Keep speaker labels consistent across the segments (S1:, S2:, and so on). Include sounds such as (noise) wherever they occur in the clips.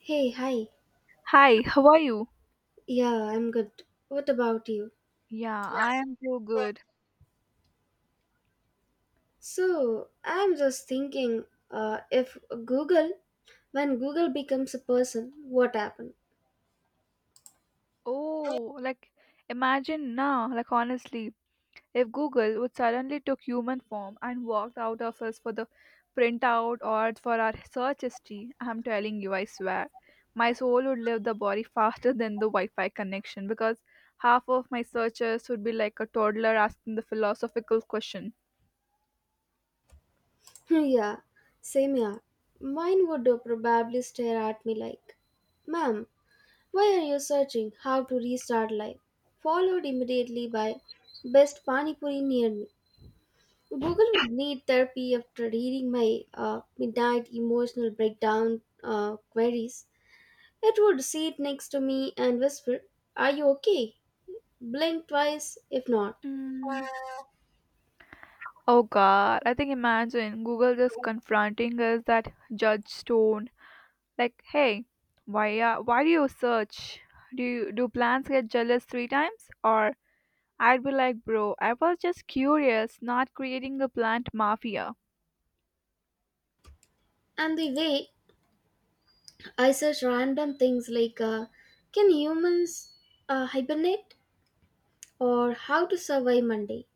S1: Hey, hi.
S2: Hi, how are you?
S1: Yeah, I'm good. What about you?
S2: Yeah, I am so good.
S1: I'm just thinking if Google, when Google becomes a person, what happened?
S2: Oh, like imagine now, like honestly, if Google would suddenly took human form and walked out of us for the printout or for our search history, I'm telling you, I swear, my soul would leave the body faster than the Wi-Fi connection because half of my searches would be like a toddler asking the philosophical question.
S1: (laughs) yeah, same here. Mine would probably stare at me like, Ma'am, why are you searching how to restart life? Followed immediately by best pani puri near me. Google would need therapy after reading my midnight emotional breakdown queries. It would sit next to me and whisper, are you okay? Blink twice if not.
S2: Mm. Oh God, I think imagine Google just confronting us that Judge Stone. Like, hey, why do you search? Do you, do plants get jealous three times? Or I'd be like, bro, I was just curious, not creating a plant mafia.
S1: And the way I search random things like, can humans hibernate? Or how to survive Monday?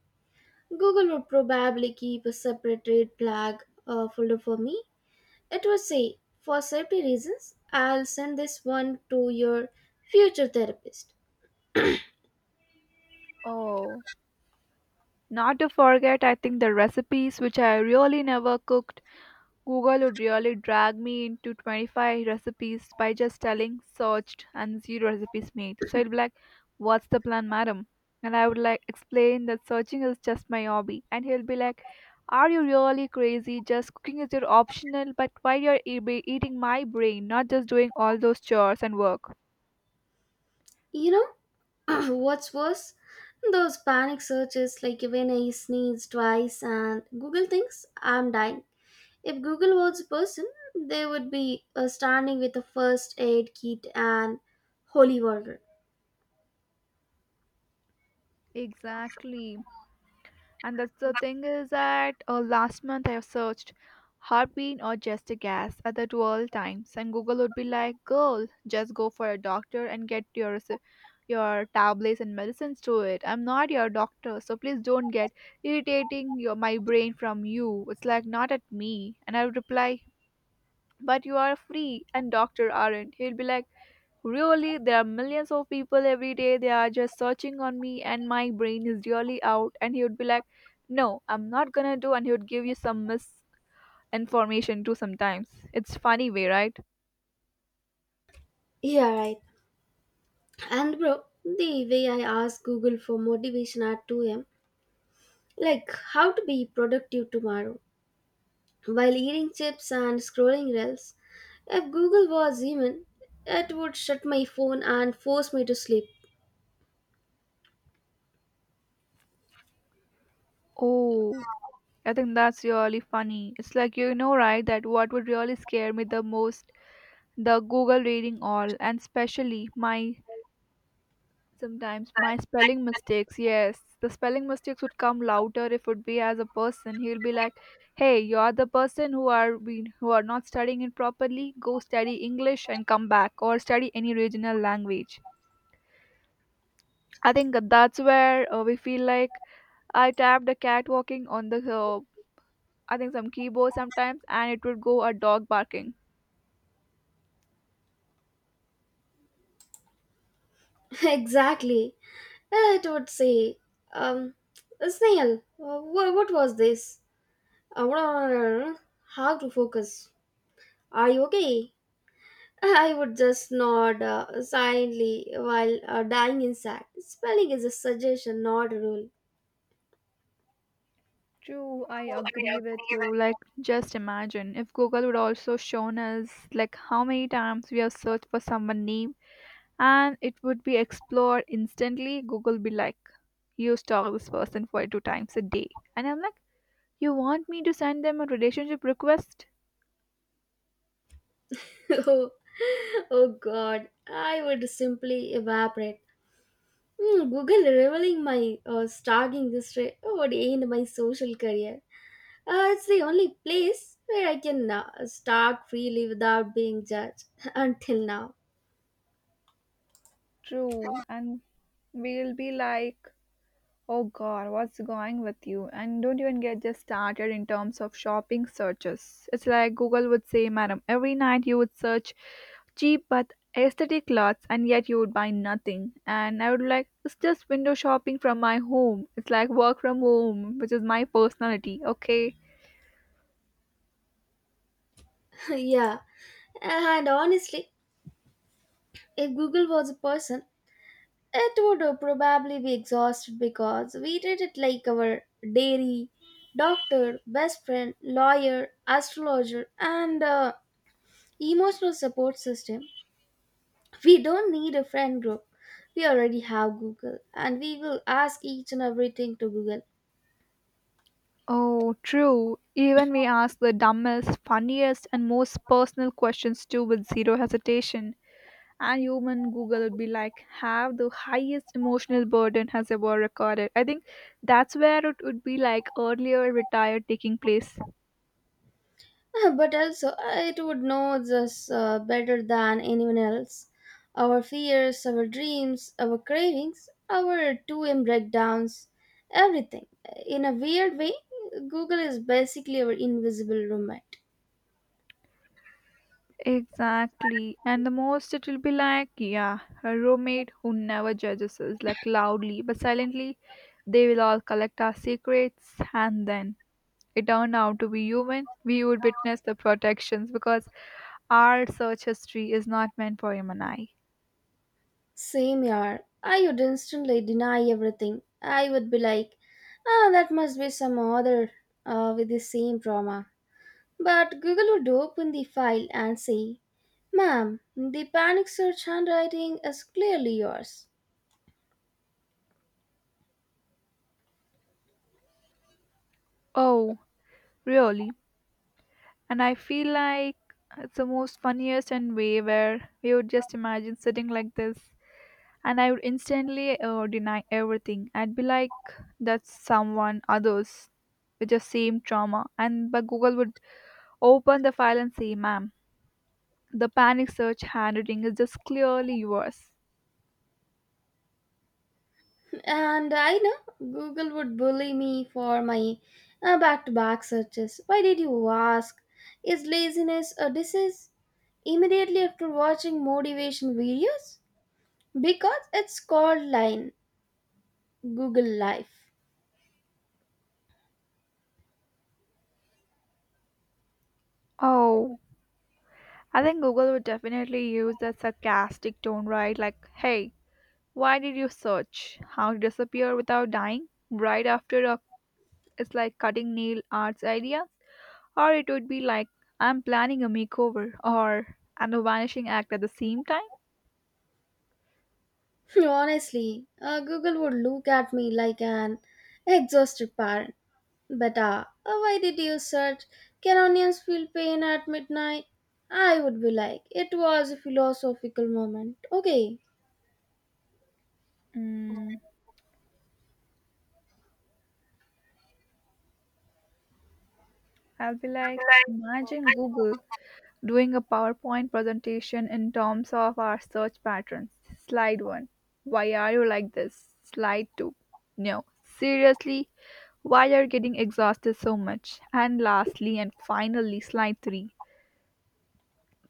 S1: Google would probably keep a separate red flag folder for me. It would say, for safety reasons, I'll send this one to your future therapist.
S2: Oh, not to forget, I think the recipes which I really never cooked, Google would really drag me into 25 recipes by just telling searched and zero recipes made. So it'd be like, what's the plan, madam? And I would like explain that searching is just my hobby. And he'll be like, are you really crazy? Just cooking is your optional, but why you're be eating my brain, not just doing all those chores and work.
S1: You know, (clears throat) what's worse? Those panic searches, like when I sneeze twice and Google thinks I'm dying. If Google was a person, they would be standing with a first aid kit and holy water.
S2: Exactly. And that's the thing is that last month I have searched heartbeat or just a gas at the 12 times, and Google would be like, "Girl, just go for a doctor and get your your tablets and medicines to it. I'm not your doctor, so please don't get irritating your my brain from you. It's like not at me." And I would reply, "But you are free, and doctor aren't." He'll be like, really, there are millions of people every day. They are just searching on me, and my brain is really out. And he would be like, no, I'm not gonna do. And he would give you some misinformation too sometimes. It's funny way, right?
S1: Yeah, right. And bro, the way I ask Google for motivation at 2 a.m., like how to be productive tomorrow while eating chips and scrolling reels, if Google was human, it would shut my phone and force me to sleep.
S2: Oh, I think that's really funny. It's like, you know, right, that what would really scare me the most, the Google rating all, and especially my sometimes my spelling mistakes, yes. The spelling mistakes would come louder if would be as a person. He'll be like, hey, you're the person who are been who are not studying it properly. Go study English and come back or study any regional language. I think that that's where we feel like I tapped a cat walking on the I think some keyboard sometimes and it would go a dog barking.
S1: (laughs) Exactly. It would say, um, snail, what was this? Uh, How to focus? Are you okay? (laughs) I would just nod silently while dying inside. Spelling is a suggestion, not a rule.
S2: True, I agree with you. Like, just imagine if Google would also shown us like how many times we have searched for someone name and it would be explored instantly. Google be like, you stalk this person 42 times a day. And I'm like, you want me to send them a relationship request?
S1: (laughs) oh, oh God, I would simply evaporate. Hmm, Google revealing my starting history would end my social career. It's the only place where I can talk freely without being judged (laughs) until now.
S2: True. And we'll be like, oh god, what's going with you? And don't even get just started in terms of shopping searches. It's like Google would say, madam, every night you would search cheap but aesthetic clothes and yet you would buy nothing. And I would like, it's just window shopping from my home. It's like work from home, which is my personality, okay?
S1: (laughs) yeah, and honestly, if Google was a person, it would probably be exhausted because we treat it like our dairy, doctor, best friend, lawyer, astrologer, and emotional support system. We don't need a friend group. We already have Google, and we will ask each and everything to Google.
S2: Oh, true. Even we ask the dumbest, funniest, and most personal questions too with zero hesitation. And human google would be like have the highest emotional burden has ever recorded. I think that's where it would be like earlier retired taking place.
S1: (laughs) But also it would know us better than anyone else. Our fears, our dreams, our cravings, our 2M breakdowns, everything. In a weird way, Google is basically our invisible roommate.
S2: Exactly, and the most it will be like yeah, a roommate who never judges us like loudly but silently. They will all collect our secrets, and then it turned out to be human we would witness the protections because our search history is not meant for human eye.
S1: Same year, I would instantly deny everything. I would be like, ah, that must be some other with the same trauma. But Google would open the file and say, ma'am, the panic search handwriting is clearly yours.
S2: Oh, really. And I feel like it's the most funniest and way where we would just imagine sitting like this and I would instantly deny everything. I'd be like, that's someone others with the same trauma, and but Google would open the file and say, ma'am, the panic search handwriting is just clearly yours.
S1: And I know Google would bully me for my back to back searches. Why did you ask? Is laziness a disease? Immediately after watching motivation videos? Because it's called line Google Life.
S2: Oh, I think Google would definitely use that sarcastic tone, right? Like, hey, why did you search how to disappear without dying right after a, it's like cutting nail art's idea, or it would be like I'm planning a makeover or and a vanishing act at the same time.
S1: (laughs) Honestly, Google would look at me like an exhausted parent. Beta, why did you search? Can onions feel pain at midnight? I would be like, it was a philosophical moment. Okay.
S2: Mm, I'll be like, imagine Google doing a PowerPoint presentation in terms of our search patterns. Slide one, why are you like this? Slide two, no, seriously, why are you getting exhausted so much? And lastly and finally, slide three,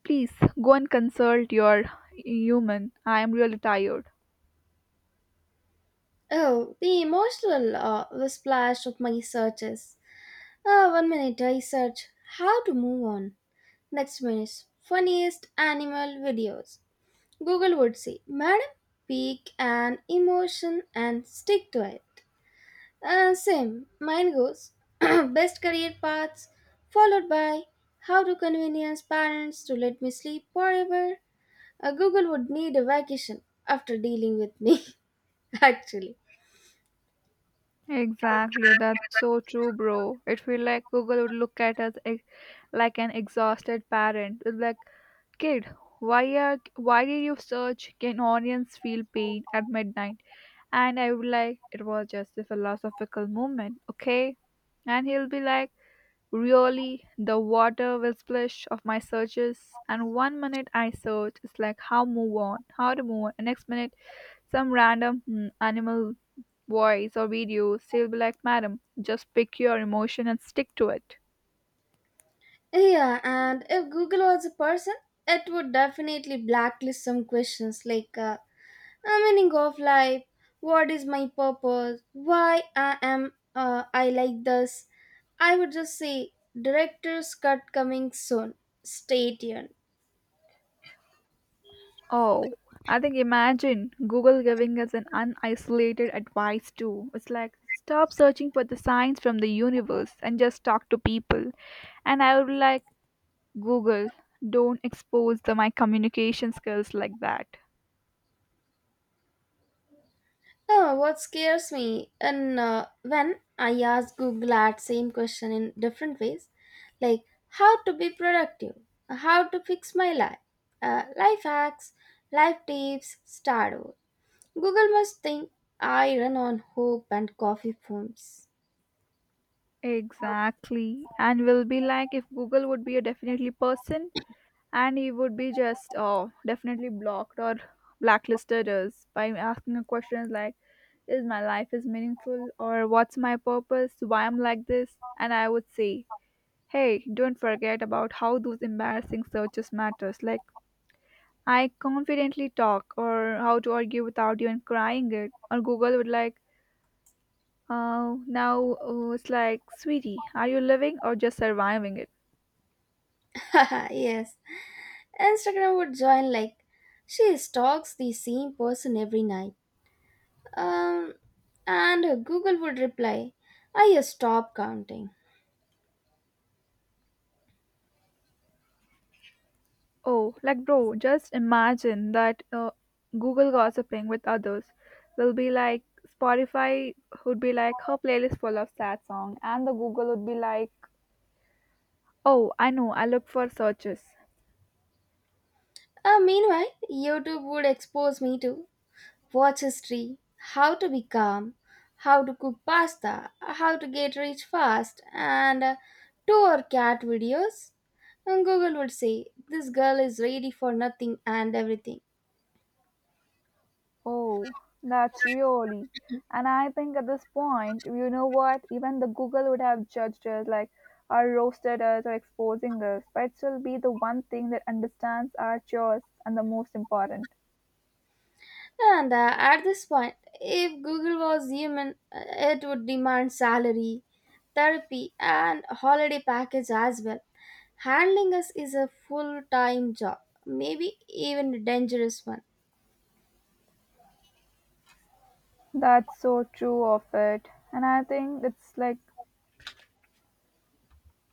S2: please go and consult your human. I am really tired.
S1: Oh, the emotional splash of my searches. One minute I search how to move on. Next minute, funniest animal videos. Google would say, madam, pick an emotion and stick to it. Same. Mine goes (clears throat) best career paths, followed by how to convince parents to let me sleep forever. Google would need a vacation after dealing with me, (laughs) actually.
S2: Exactly, that's so true, bro. It feel like Google would look at us like an exhausted parent. It's like, kid, why did you search? Can onions feel pain at midnight? And I would like, it was just a philosophical moment, okay? And he'll be like, really, the water will splash of my searches. And 1 minute I search, it's like how to move on. And next minute, some random hmm, animal voice or video, she'll be like, madam, just pick your emotion and stick to it.
S1: Yeah, and if Google was a person, it would definitely blacklist some questions like a meaning of life, what is my purpose, why I am I like this. I would just say director's cut coming soon. Stay tuned.
S2: Oh, I think imagine Google giving us an unisolated advice too. It's like, stop searching for the signs from the universe and just talk to people. And I would be like, Google, don't expose the, my communication skills like that.
S1: Oh, what scares me, and when I ask Google that same question in different ways, like how to be productive, how to fix my life, life hacks, life tips, start over. Google must think I run on hope and coffee foams.
S2: Exactly. And we'll be like, if Google would be a definitely person, and he would be just oh definitely blocked or blacklisted us by asking a questions like is my life is meaningful or what's my purpose why I'm like this. And I would say, hey, don't forget about how those embarrassing searches matters, like I confidently talk or how to argue without even crying it, or Google would like, now it's like, sweetie, are you living or just surviving it?
S1: (laughs) Yes, Instagram would join like she stalks the same person every night. Um, and Google would reply, I stopped counting.
S2: Oh, like bro, just imagine that Google gossiping with others will be like Spotify would be like her playlist full of sad song, and the Google would be like, oh, I know, I look for searches.
S1: Meanwhile, YouTube would expose me to watch history, how to be calm, how to cook pasta, how to get rich fast, and tour cat videos. And Google would say, this girl is ready for nothing and everything.
S2: Oh, that's really. And I think at this point, you know what? Even the Google would have judged us, like, or roasted us, or exposing us. But it will be the one thing that understands our chores and the most important.
S1: And at this point, if Google was human, it would demand salary, therapy, and holiday package as well. Handling us is a full time job, maybe even a dangerous one.
S2: That's so true of it. And I think it's like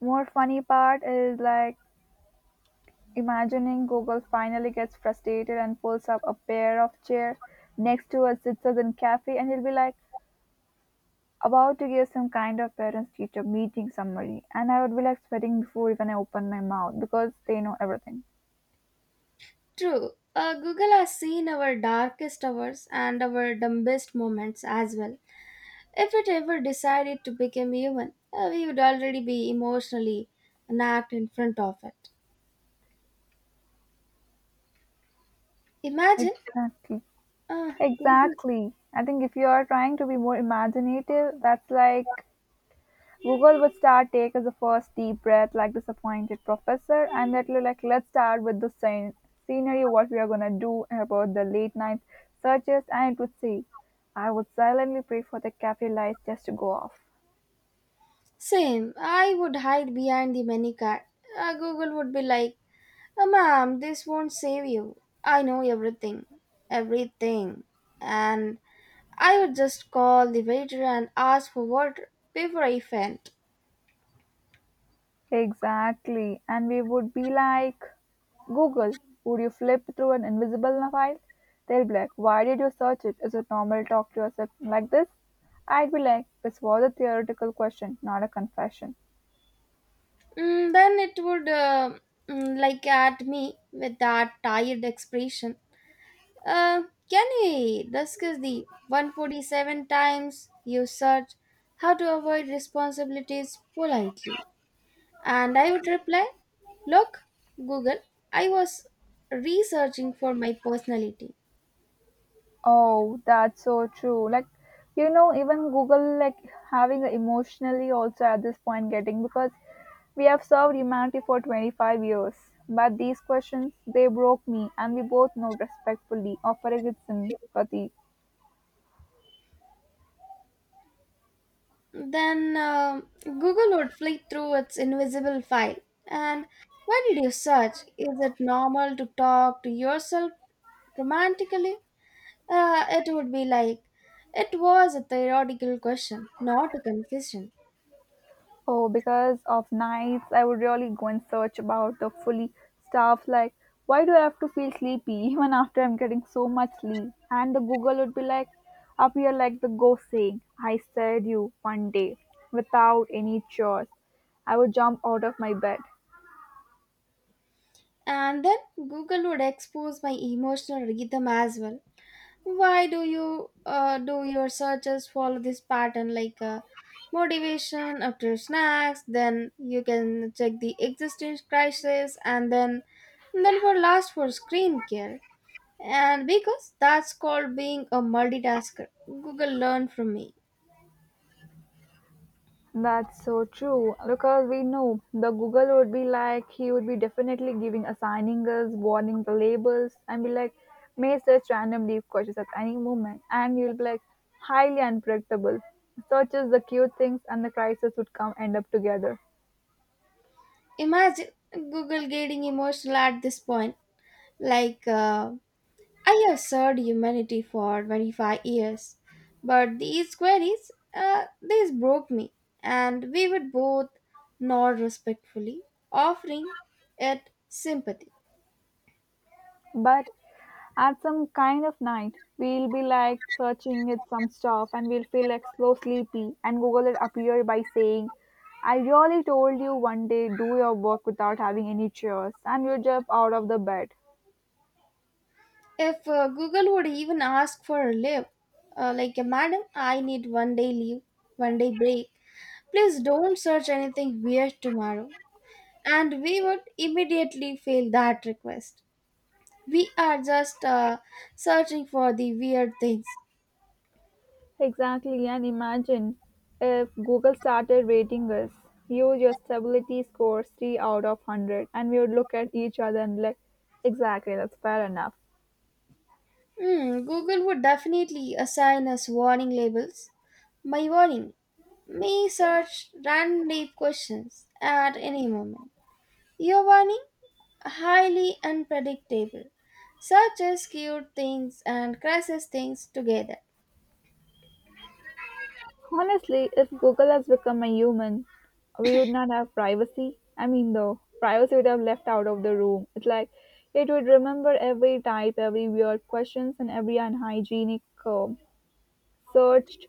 S2: more funny part is like imagining Google finally gets frustrated and pulls up a pair of chair next to a citizen cafe and he'll be like about to give some kind of parents teacher meeting summary, and I would be like sweating before even I open my mouth because they know everything.
S1: True. Google has seen our darkest hours and our dumbest moments as well. If it ever decided to become human, we would already be emotionally napped in front of it. Imagine,
S2: Exactly.
S1: uh, Google.
S2: Exactly. I think if you are trying to be more imaginative, that's like Google would start take as a first deep breath like disappointed professor and that look like, let's start with the scenery what we are gonna do about the late night searches, and it would say I would silently pray for the cafe lights just to go off.
S1: Same. I would hide behind the menu card. Google would be like, "Ma'am, this won't save you. I know everything, everything." And I would just call the waiter and ask for water before I faint.
S2: Exactly. And we would be like, Google, would you flip through an invisible file? They'll be like, why did you search it? Is it normal to talk to yourself like this? I'd be like, this was a theoretical question, not a confession.
S1: Mm, then it would like at me with that tired expression. Uh, can we discuss the 147 times you search how to avoid responsibilities politely? And I would reply, look, Google, I was researching for my personality.
S2: Oh, that's so true. Like, you know, even Google, like, having a emotionally also at this point getting because we have served humanity for 25 years. But these questions, they broke me, and we both know respectfully, offering with sympathy.
S1: Then Google would flick through its invisible file. And why did you search? Is it normal to talk to yourself romantically? It would be like, it was a theoretical question, not a confession.
S2: Oh, because of nights, I would really go and search about the fully stuff. Like, why do I have to feel sleepy (laughs) even after I'm getting so much sleep? And the Google would be like, up here, like the ghost saying, I said you one day without any chores. I would jump out of my bed.
S1: And then Google would expose my emotional rhythm as well. Why do you do your searches follow this pattern like motivation after snacks, then you can check the existence crisis, and then for last for screen care? And because that's called being a multitasker, Google learned from me.
S2: That's so true because we know the Google would be like he would be definitely giving assigning us warning the labels and be like may search random deep questions at any moment and you'll be like highly unpredictable. Searches the cute things and the crisis would come end up together.
S1: Imagine Google getting emotional at this point, like I have served humanity for 25 years, but these queries, these broke me, and we would both nod respectfully, offering it sympathy.
S2: But at some kind of night, we'll be like searching it some stuff and we'll feel like so sleepy, and Google will appear by saying, I really told you one day do your work without having any chores, and you jump out of the bed.
S1: If Google would even ask for a leave, like, madam, I need one day leave, one day break, please don't search anything weird tomorrow. And we would immediately fail that request. We are just searching for the weird things.
S2: Exactly, and imagine if Google started rating us. You, your stability scores 3 out of 100, and we would look at each other and like, exactly, that's fair enough.
S1: Hmm, Google would definitely assign us warning labels. My warning, may search random deep questions at any moment. Your warning, highly unpredictable. Searches cute things and crashes things together.
S2: Honestly, if Google has become a human, we would not have privacy. I mean, though, privacy would have left out of the room. It's like it would remember every type, every weird questions, and every unhygienic searched.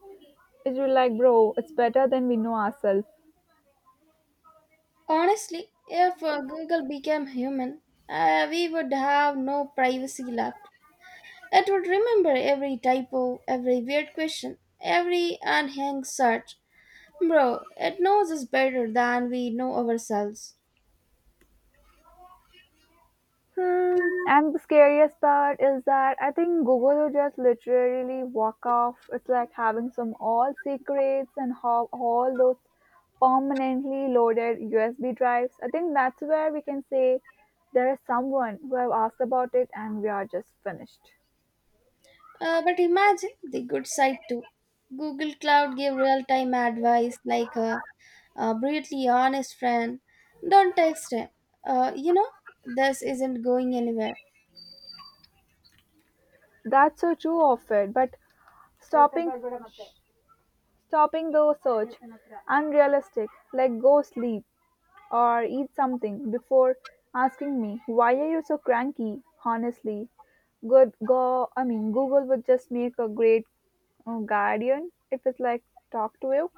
S2: It would like, bro, it's better than we know ourselves.
S1: Honestly, if Google became human, we would have no privacy left. It would remember every typo, every weird question, every unhinged search. Bro, it knows us better than we know ourselves.
S2: And the scariest part is that I think Google will just literally walk off. It's like having some all secrets and how all those permanently loaded USB drives. I think that's where we can say there is someone who have asked about it and we are just finished.
S1: But imagine the good side too. Google Cloud gave real time advice like a brutally honest friend. Don't text him. You know, this isn't going anywhere.
S2: That's so true of it, but stopping stopping the search unrealistic. Like go sleep, or eat something before asking me why are you so cranky honestly good go, google would just make a great guardian if it's like talk to you.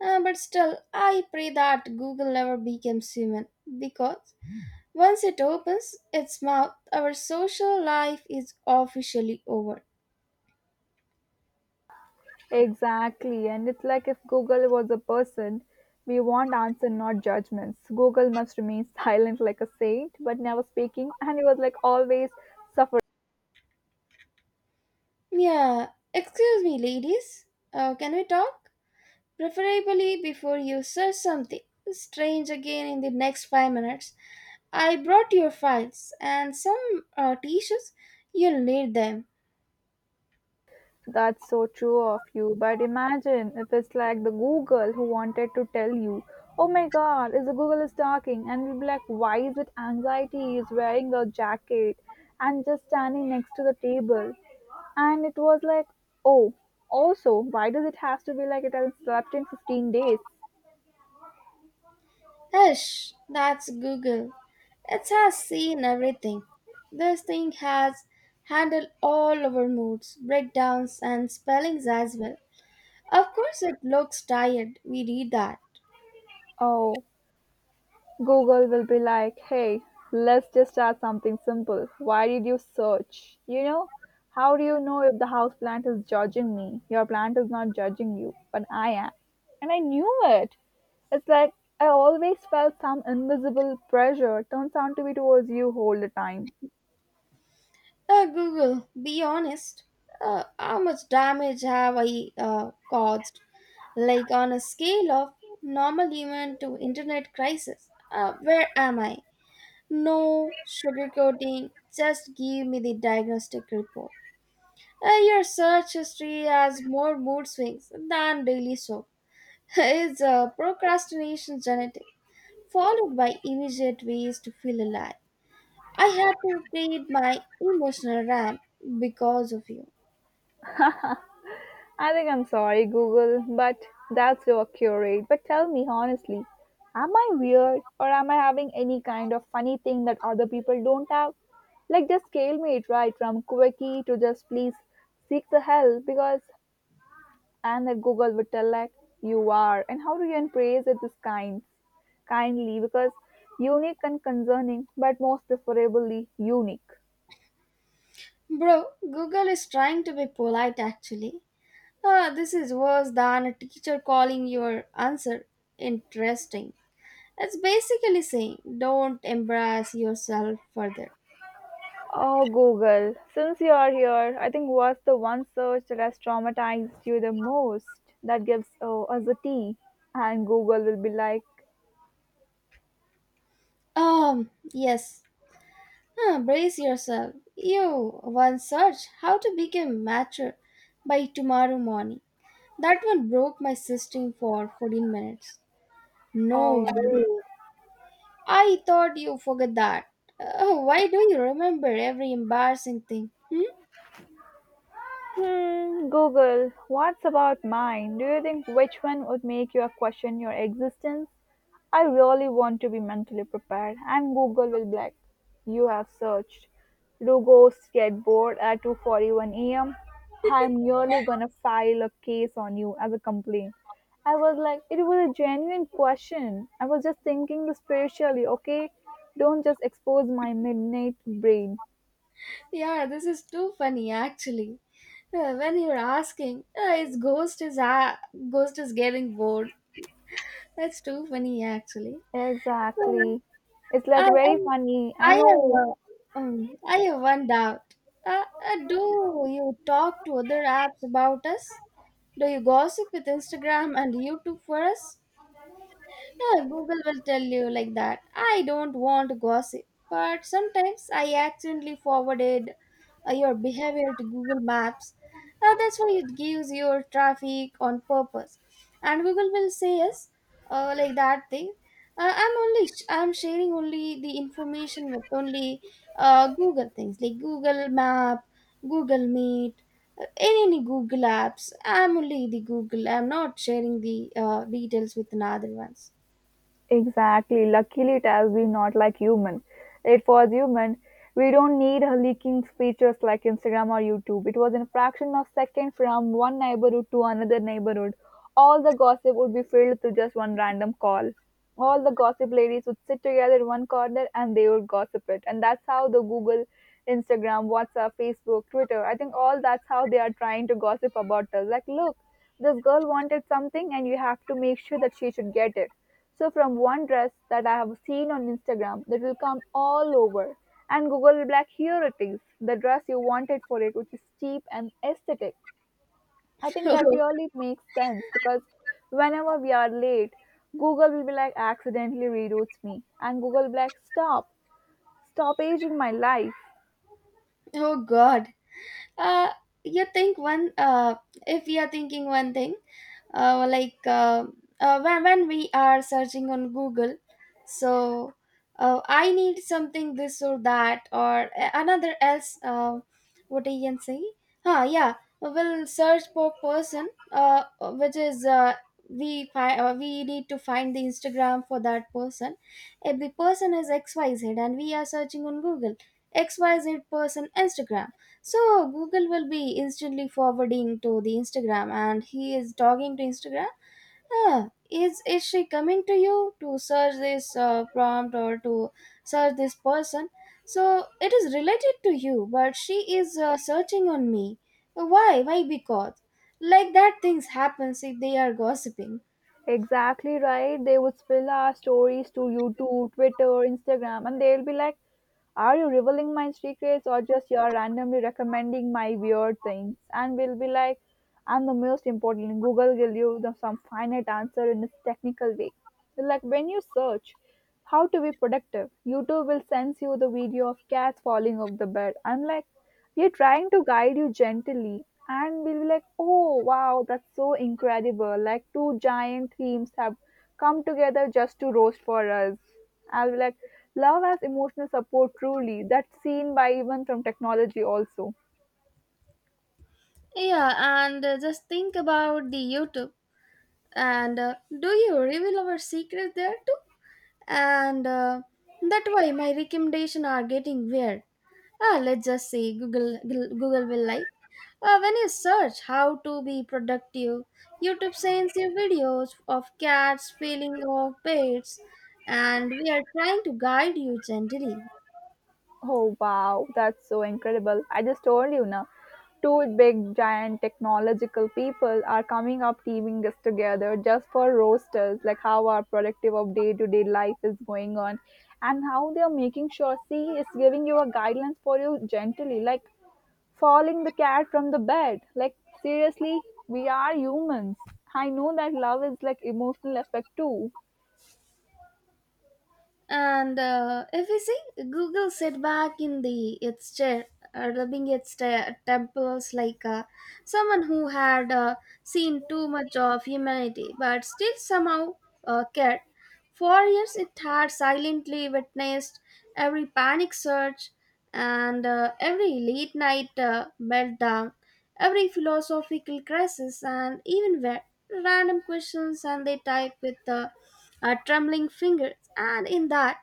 S1: But still, I pray that Google never becomes human, because once it opens its mouth, our social life is officially over.
S2: Exactly, and it's like if google was a person we want answer not judgments google must remain (laughs) silent like a saint but never speaking and he was like always suffering.
S1: Yeah, excuse me, ladies. Can we talk? Preferably before you search something strange again in the next 5 minutes. I brought your files and some tissues. You'll need them.
S2: That's so true of you. But imagine if it's like the Google who wanted to tell you, oh my god, is the Google is talking, and we'll be like, why is it anxiety is wearing a jacket and just standing next to the table? And it was like, oh, also, why does it have to be like it hasn't slept in 15 days?
S1: Hush, that's Google. It has seen everything. This thing has handled all our moods, breakdowns, and spellings as well. Of course, it looks tired. We read that.
S2: Oh, Google will be like, hey, let's just start something simple. Why did you search? How do you know if the house plant is judging me? Your plant is not judging you, but I am. And I knew it. It's like I always felt some invisible pressure turns out to be towards you all the time.
S1: Google, be honest. How much damage have I caused? Like on a scale of normal human to internet crisis, where am I? No sugarcoating, just give me the diagnostic report. Your search history has more mood swings than daily soap. (laughs) It's procrastination genetic, followed by immediate ways to feel alive. I had to feed my emotional RAM because of you.
S2: I think I'm sorry, Google, but that's your curate. But tell me honestly, am I weird or am I having any kind of funny thing that other people don't have? Like, just scale me it right from quirky to just please seek the help because, and that Google would tell, like, you are. And how do you embrace it this kind? Kindly, because unique and concerning, but most preferably unique.
S1: Bro, Google is trying to be polite actually. Ah, this is worse than a teacher calling your answer interesting. It's basically saying don't embarrass yourself further.
S2: Oh, Google, since you're here, I think what's the one search that has traumatized you the most that gives oh, us a T? And Google will be like,
S1: Yes. Ah, brace yourself. You once search how to become mature by tomorrow morning. That one broke my system for 14 minutes. No,
S2: oh.
S1: bro. I thought you forgot that. Why do you remember every embarrassing thing? Hmm.
S2: Google, what's about mine? Do you think which one would make you question your existence? I really want to be mentally prepared, and Google will be like, you have searched. Do ghosts get bored at 2:41 a.m.? I'm nearly gonna file a case on you as a complaint. I was like, it was a genuine question. I was just thinking the spiritually, okay? Don't just expose my midnight brain.
S1: Yeah, this is too funny actually. When you're asking, his ghost is getting bored. That's too funny actually. So,
S2: Exactly. It's like
S1: I
S2: very
S1: I,
S2: funny. I
S1: I
S2: know.
S1: have I have one doubt. Uh, do you talk to other apps about us? Do you gossip with Instagram and YouTube for us? Yeah, Google will tell you like that. I don't want to gossip, but sometimes I accidentally forwarded your behavior to Google Maps. That's why it gives your traffic on purpose, and Google will say yes, like that thing. I'm sharing only the information with only Google things like Google Map, Google Meet, any Google apps. I'm only the Google. I'm not sharing the details with another ones.
S2: Exactly. Luckily, it has been not like human. It was human. We don't need a leaking features like Instagram or YouTube. It was in a fraction of second from one neighborhood to another neighborhood. All the gossip would be filled to just one random call. All the gossip ladies would sit together in one corner and they would gossip it. And that's how the Google, Instagram, WhatsApp, Facebook, Twitter, I think all that's how they are trying to gossip about us. Like, look, this girl wanted something and you have to make sure that she should get it so from one dress that I have seen on Instagram that will come all over and Google will be like, here it is, the dress you wanted for it, which is cheap and aesthetic. I
S1: (laughs)
S2: think that
S1: oh,
S2: really makes sense because whenever we are late, Google will be like accidentally reroutes me and Google will be like, stop, stop aging my life.
S1: oh God. Uh, you think one if we are thinking one thing uh, like uh, when we are searching on Google, so I need something this or that or another else, what I can say, yeah, we'll search for person which is we need to find the Instagram for that person. If the person is XYZ and we are searching on Google XYZ person Instagram, so Google will be instantly forwarding to the Instagram, and he is talking to Instagram. Ah, is she coming to you to search this prompt or to search this person? So it is related to you, but she is searching on me. Why? Why? Because like that things happens if they are gossiping.
S2: Exactly right. They would spill our stories to YouTube, Twitter, Instagram, and they'll be like, are you revealing my secrets or just you're randomly recommending my weird things? And we'll be like, and the most important, Google will give you the, some finite answer in a technical way. Like when you search, how to be productive? YouTube will sends you the video of cats falling off the bed. I'm like, we're trying to guide you gently. And we'll be like, oh wow, that's so incredible. Like two giant themes have come together just to roast for us. I'll be like, love as emotional support truly. That's seen by even from technology also.
S1: Yeah, and just think about the YouTube. And do you reveal our secret there too? And that way my recommendation are getting weird. Ah, let's just say Google will like. When you search how to be productive, YouTube sends you videos of cats feeling of pets, and we are trying to guide you gently.
S2: Oh wow, that's so incredible. I just told you now. Two big giant technological people are coming up teaming us together just for roasters, like how our productive of day to day life is going on and how they are making sure see is giving you a guidelines for you gently, like falling the cat from the bed. Like seriously, we are humans. I know that love is like emotional effect too.
S1: And if we see, Google sat back in the its chair, rubbing its temples like someone who had seen too much of humanity, but still somehow cared. For years, it had silently witnessed every panic surge and every late night meltdown, every philosophical crisis, and even where random questions and they type with a trembling finger. And in that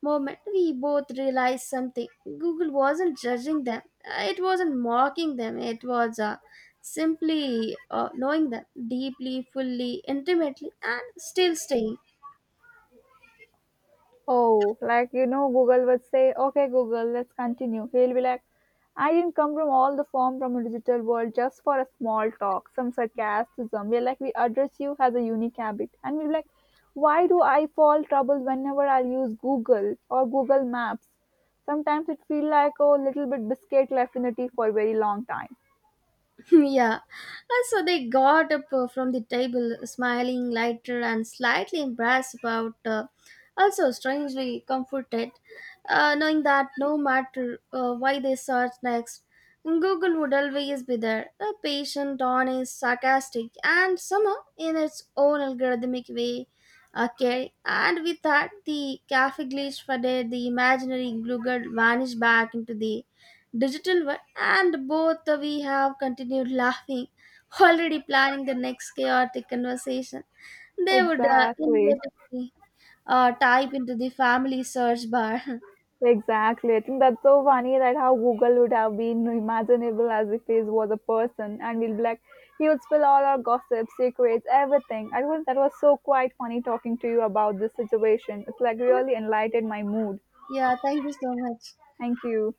S1: moment, we both realized something. Google wasn't judging them, it wasn't mocking them, it was simply knowing them deeply, fully, intimately, and still staying.
S2: Oh, Google would say, "Okay, Google, let's continue." He'll be like, "I didn't come from all the form from a digital world just for a small talk, some sarcasm." We're like, we address you as a unique habit, and we're like, "Why do I fall trouble whenever I use Google or Google Maps?" Sometimes it feel like oh, little bit biscuit left in the tea for a very long time.
S1: (laughs) yeah. And so they got up from the table, smiling, lighter, and slightly embarrassed about, also strangely comforted, knowing that no matter why they searched next, Google would always be there, patient, honest, sarcastic, and somehow in its own algorithmic way. Okay, and with that, the cafe glitch faded, the imaginary Google vanished back into the digital one, and both we have continued laughing, already planning the next chaotic conversation they would
S2: Exactly.
S1: inevitably type into the family search bar.
S2: Exactly. I think that's so funny that how Google would have been imaginable as if he was a person and we'll be like, he would spill all our gossip, secrets, everything. I was that was so quite funny talking to you about this situation. It's like
S1: (laughs)
S2: really enlightened my mood.
S1: yeah, thank you so much.
S2: Thank you.